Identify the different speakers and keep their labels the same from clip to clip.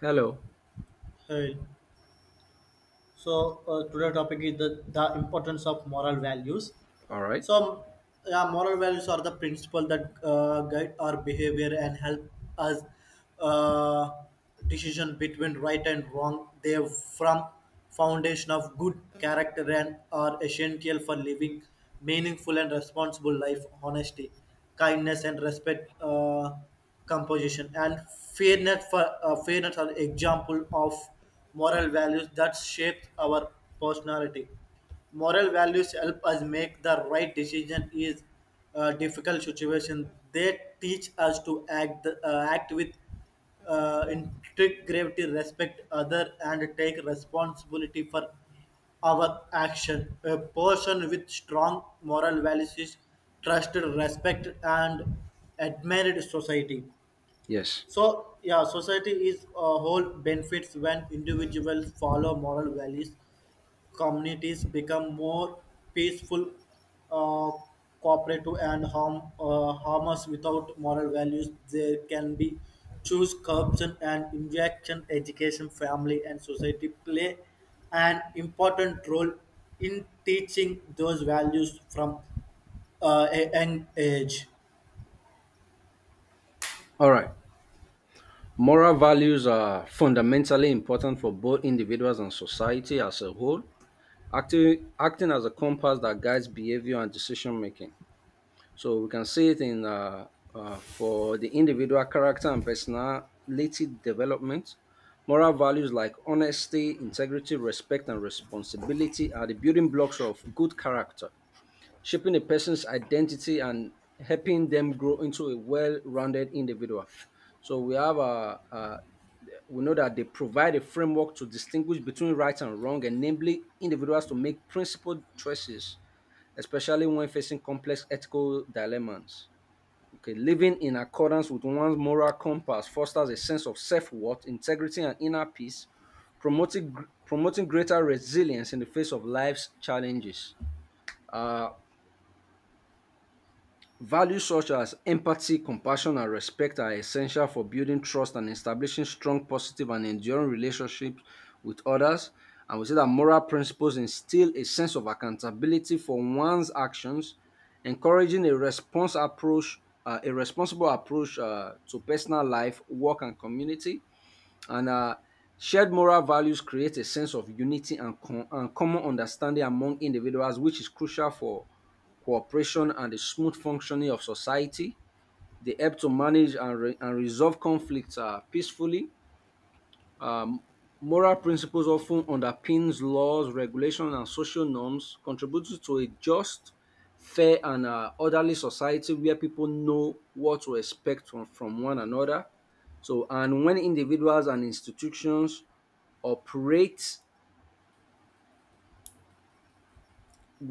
Speaker 1: Hello.
Speaker 2: Hey, so today topic is the importance of moral values.
Speaker 1: All right.
Speaker 2: So, yeah, moral values are the principle that guide our behavior and help us uh, decision between right and wrong. They are from foundation of good character and are essential for living meaningful and responsible life. Honesty, kindness, and respect. Composition and fairness for fairness are example of moral values that shape our personality moral values help us make the right decision is a difficult situation they teach us to act act with integrity respect other and take responsibility for our action a person with strong moral values is trusted respect and admired society
Speaker 1: Yes.
Speaker 2: so yeah society is a whole benefits when individuals follow moral values communities become more peaceful, uh, cooperative, and harmless without moral values. There can be choose corruption and injection. Education, family, and society play an important role in teaching those values from a young age.
Speaker 1: All right. Moral values are fundamentally important for both individuals and society as a whole, acting as a compass that guides behavior and decision making. So we can see it in for the individual character and personality development. Moral values like honesty, integrity, respect, and responsibility are the building blocks of good character, shaping a person's identity and helping them grow into a well-rounded individual. So we know that they provide a framework to distinguish between right and wrong, enabling individuals to make principled choices, especially when facing complex ethical dilemmas. Okay, living in accordance with one's moral compass fosters a sense of self-worth, integrity, and inner peace, promoting greater resilience in the face of life's challenges. Uh, Values such as empathy, compassion, and respect are essential for building trust and establishing strong, positive, and enduring relationships with others. And we say that moral principles instill a sense of accountability for one's actions, encouraging a response approach, a responsible approach to personal life, work, and community, and shared moral values create a sense of unity and common understanding among individuals, which is crucial for cooperation and the smooth functioning of society. They help to manage and resolve conflicts peacefully. Moral principles often underpins laws, regulations, and social norms, contributing to a just, fair, and orderly society where people know what to expect from one another. So, and when individuals and institutions operate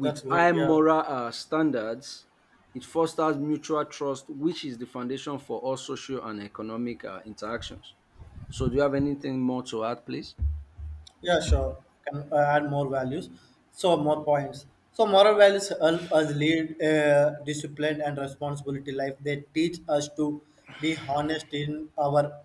Speaker 2: That's great.
Speaker 1: high
Speaker 2: Yeah.
Speaker 1: moral standards, it fosters mutual trust, which is the foundation for all social and economic interactions. So, do you have anything more to add, please?
Speaker 2: Yeah, sure. Can add more values. So more points. So moral values help us lead a disciplined and responsibility life. They teach us to be honest in our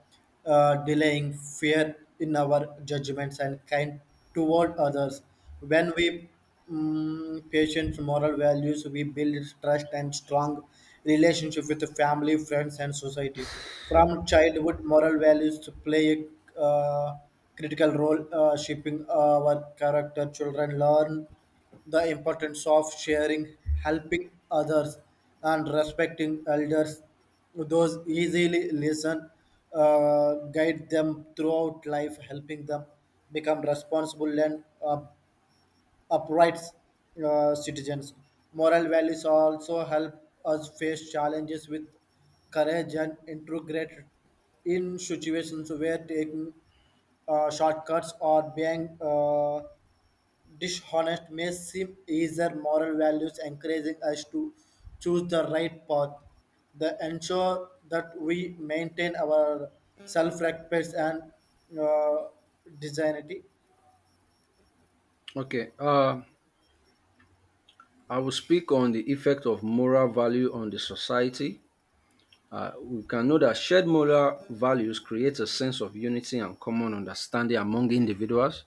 Speaker 2: delaying, fear in our judgments, and kind toward others. When we Mm, patience, moral values. We build trust and strong relationship with the family, friends, and society. From childhood, moral values play a critical role shaping our character. Children learn the importance of sharing, helping others, and respecting elders. Those easily listen, guide them throughout life, helping them become responsible and upright citizens. Moral values also help us face challenges with courage and integrate in situations where taking shortcuts or being dishonest may seem easier. Moral values encouraging us to choose the right path. They ensure that we maintain our self-respect and uh, dignity.
Speaker 1: Okay. I will speak on the effect of moral value on the society. We can know that shared moral values create a sense of unity and common understanding among individuals,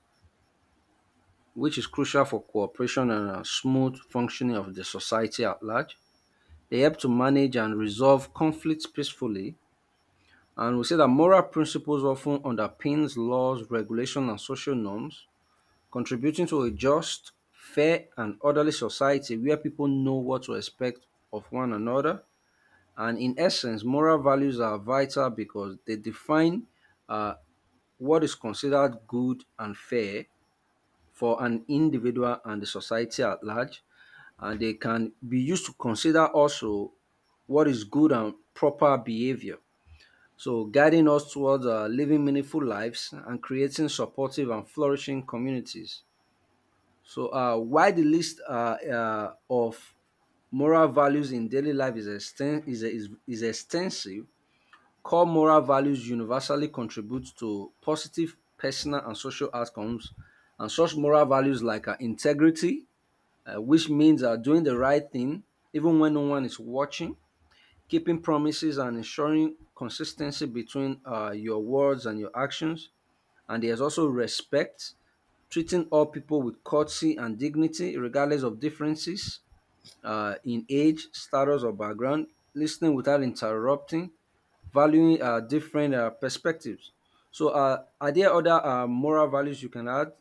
Speaker 1: which is crucial for cooperation and a smooth functioning of the society at large. They help to manage and resolve conflicts peacefully. And we say that moral principles often underpins laws, regulation, and social norms, contributing to a just, fair, and orderly society where people know what to expect of one another. And in essence, moral values are vital because they define uh, what is considered good and fair for an individual and the society at large. And they can be used to consider also what is good and proper behavior. So, guiding us towards living meaningful lives and creating supportive and flourishing communities. So, why the list of moral values in daily life is extensive. Core moral values universally contribute to positive personal and social outcomes, and such moral values like integrity, which means doing the right thing even when no one is watching, keeping promises, and ensuring consistency between your words and your actions. And there's also respect, treating all people with courtesy and dignity, regardless of differences in age, status, or background, listening without interrupting, valuing different perspectives. So, are there other moral values you can add?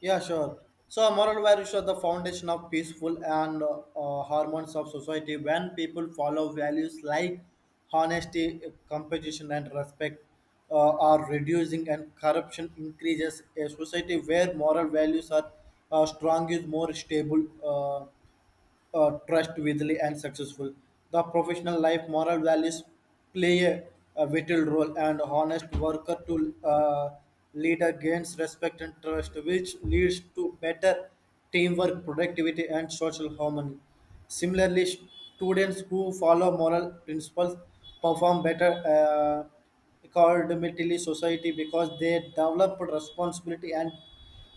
Speaker 2: Yeah, sure. So, moral values are the foundation of peaceful and harmonious of society. When people follow values like honesty, competition, and respect, are reducing and corruption increases. A society where moral values are strong is more stable. Trustworthy and successful. The professional life moral values play a vital role, and honest worker to leader gains respect and trust, which leads to better teamwork, productivity, and social harmony. Similarly, students who follow moral principles perform better. Academically society because they develop responsibility and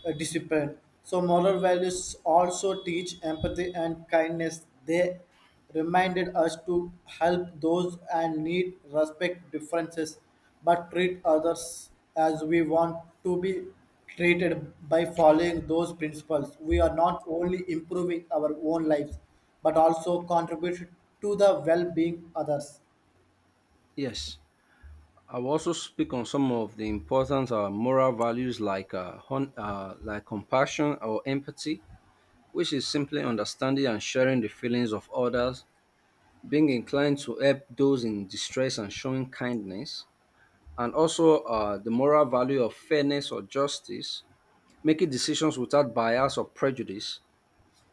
Speaker 2: discipline so moral values also teach empathy and kindness they reminded us to help those and need respect differences but treat others as we want to be treated by following those principles we are not only improving our own lives but also contribute to the well-being others.
Speaker 1: Yes, I will also speak on some of the important moral values like like compassion or empathy, which is simply understanding and sharing the feelings of others, being inclined to help those in distress and showing kindness, and also the moral value of fairness or justice, making decisions without bias or prejudice,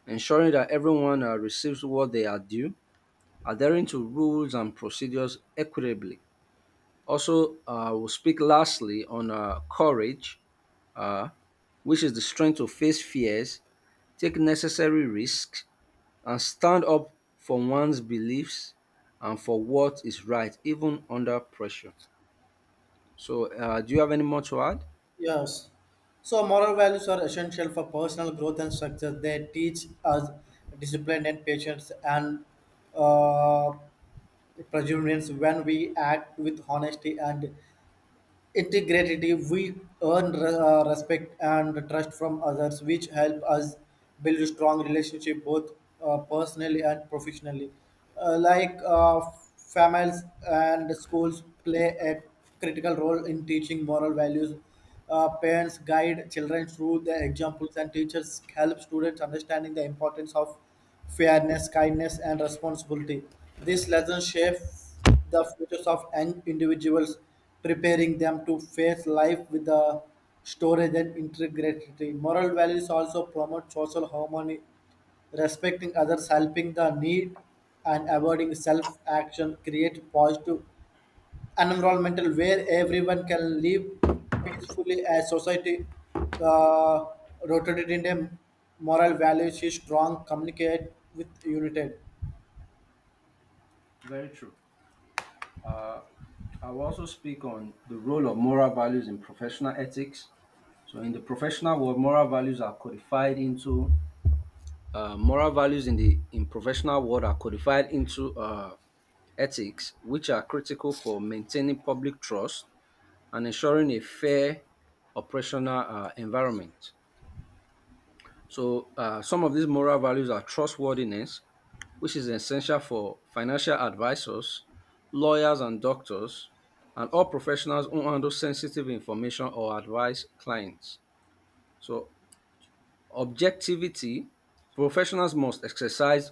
Speaker 1: ensuring that everyone receives what they are due, adhering to rules and procedures equitably. Also, we'll speak lastly on courage, uh, which is the strength to face fears, take necessary risks, and stand up for one's beliefs and for what is right, even under pressure. So, do you have any more to add?
Speaker 2: Yes. So moral values are essential for personal growth and success. They teach us discipline and patience and uh, perseverance when we act with honesty and integrity we respect and trust from others which help us build strong relationship both personally and professionally. Uh, like uh, Families and schools play a critical role in teaching moral values parents guide children through their examples and teachers help students understanding the importance of fairness kindness and responsibility these lessons shape the futures of an individuals, preparing them to face life with the storage and integrity. Moral values also promote social harmony, respecting others, helping the need, and avoiding self-action create positive environmental where everyone can live peacefully as society uh, rotated in a moral values is strong communicate with united.
Speaker 1: Very true. Uh, I will also speak on the role of moral values in professional ethics. So, in the professional world, moral values are codified into moral values in the in professional world are codified into ethics, which are critical for maintaining public trust and ensuring a fair operational environment. So, some of these moral values are trustworthiness, which is essential for financial advisors, lawyers, and doctors, and all professionals who handle sensitive information or advise clients. So, objectivity professionals must exercise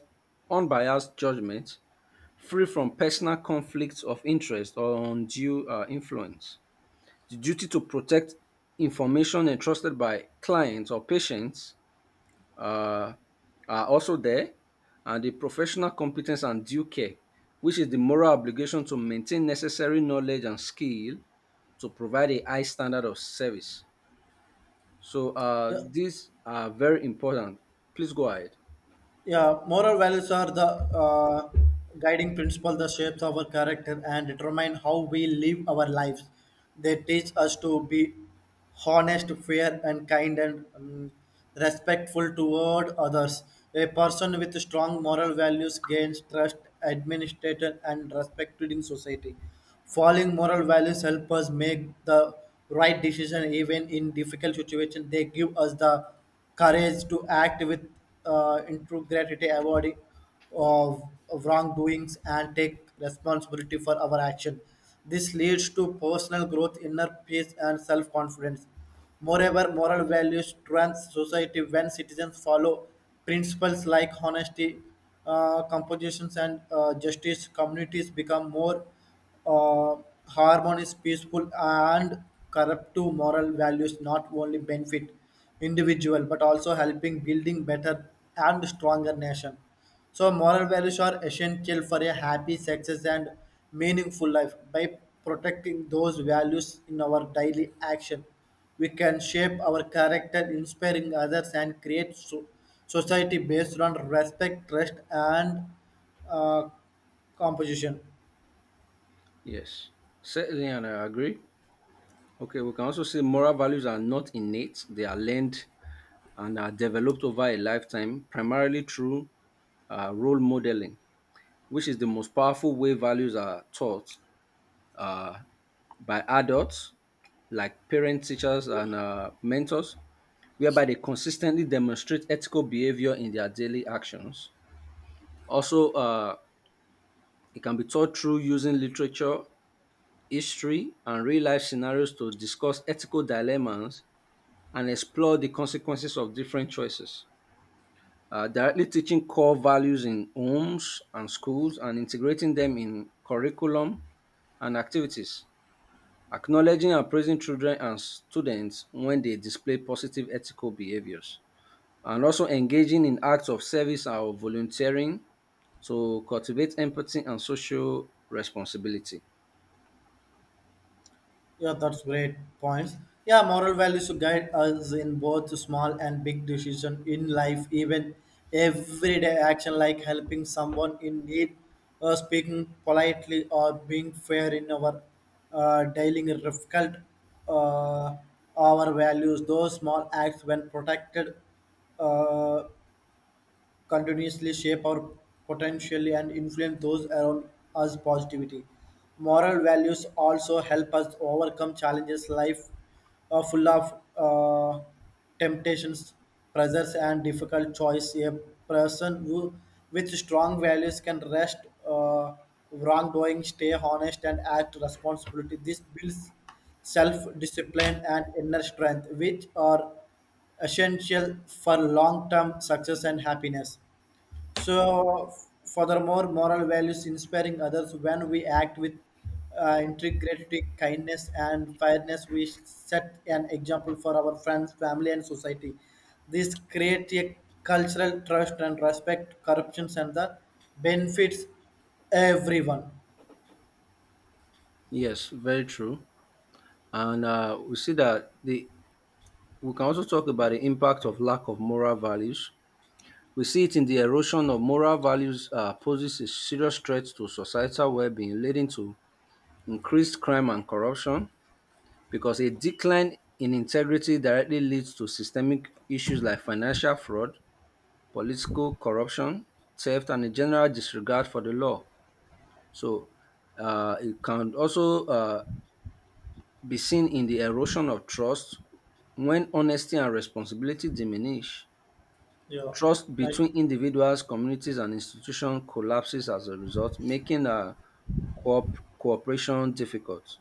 Speaker 1: unbiased judgment, free from personal conflicts of interest or undue influence. The duty to protect information entrusted by clients or patients uh, are also there, and the professional competence and due care, which is the moral obligation to maintain necessary knowledge and skill to provide a high standard of service. So
Speaker 2: Yeah.
Speaker 1: these are very important. Please go ahead.
Speaker 2: Yeah, moral values are the guiding principle that shapes our character and determine how we live our lives. They teach us to be honest, fair, and kind, and respectful toward others. A person with strong moral values gains trust, administration, and respect in society. Following moral values help us make the right decision even in difficult situations. They give us the courage to act with integrity, avoiding of, of wrongdoings, and take responsibility for our action. This leads to personal growth, inner peace, and self confidence. Moreover, moral values trans society when citizens follow principles like honesty, compositions, and justice. Communities become more uh, harmony is peaceful and corrupt to moral values not only benefit individual but also helping building better and stronger nation so moral values are essential for a happy success and meaningful life by protecting those values in our daily action we can shape our character inspiring others and create so- society based on respect trust and uh, composition.
Speaker 1: Yes, certainly, and I agree. Okay, we can also say moral values are not innate, they are learned and are developed over a lifetime, primarily through role modeling, which is the most powerful way values are taught uh, by adults like parents, teachers, and mentors, whereby they consistently demonstrate ethical behavior in their daily actions. Also, it can be taught through using literature, history, and real life scenarios to discuss ethical dilemmas and explore the consequences of different choices. Directly teaching core values in homes and schools and integrating them in curriculum and activities. Acknowledging and praising children and students when they display positive ethical behaviors, and also engaging in acts of service or volunteering to cultivate empathy and social responsibility.
Speaker 2: Yeah, that's great points. Yeah, moral values guide us in both small and big decision in life, even everyday action like helping someone in need, speaking politely, or being fair in our dealing reflect uh, our values. Those small acts, when protected, uh, continuously shape our potential and influence those around us positivity. Moral values also help us overcome challenges life full of temptations, pressures, and difficult choice. A person who, with strong values can rest uh, wrongdoing, stay honest, and act responsibility. This builds self-discipline and inner strength, which are essential for long-term success and happiness. So, furthermore, moral values inspiring others when we act with integrity, kindness, and fairness, we set an example for our friends, family, and society. This creates a cultural trust and respect, corruptions, and the benefits everyone.
Speaker 1: Yes, very true. And we can also talk about the impact of lack of moral values. We see it in the erosion of moral values poses a serious threat to societal well-being, leading to increased crime and corruption, because a decline in integrity directly leads to systemic issues like financial fraud, political corruption, theft, and a general disregard for the law. So it can also be seen in the erosion of trust when honesty and responsibility diminish.
Speaker 2: Yeah,
Speaker 1: Trust
Speaker 2: nice.
Speaker 1: between individuals, communities, and institutions collapses as a result, making cooperation difficult.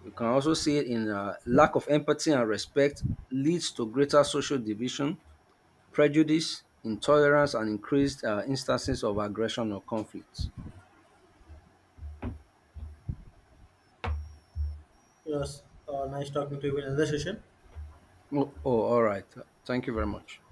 Speaker 1: You can also see it in lack of empathy and respect, leads to greater social division, prejudice, intolerance, and increased instances of aggression or conflict.
Speaker 2: Yes, nice talking to you in another session.
Speaker 1: Oh, oh, all right. Thank you very much.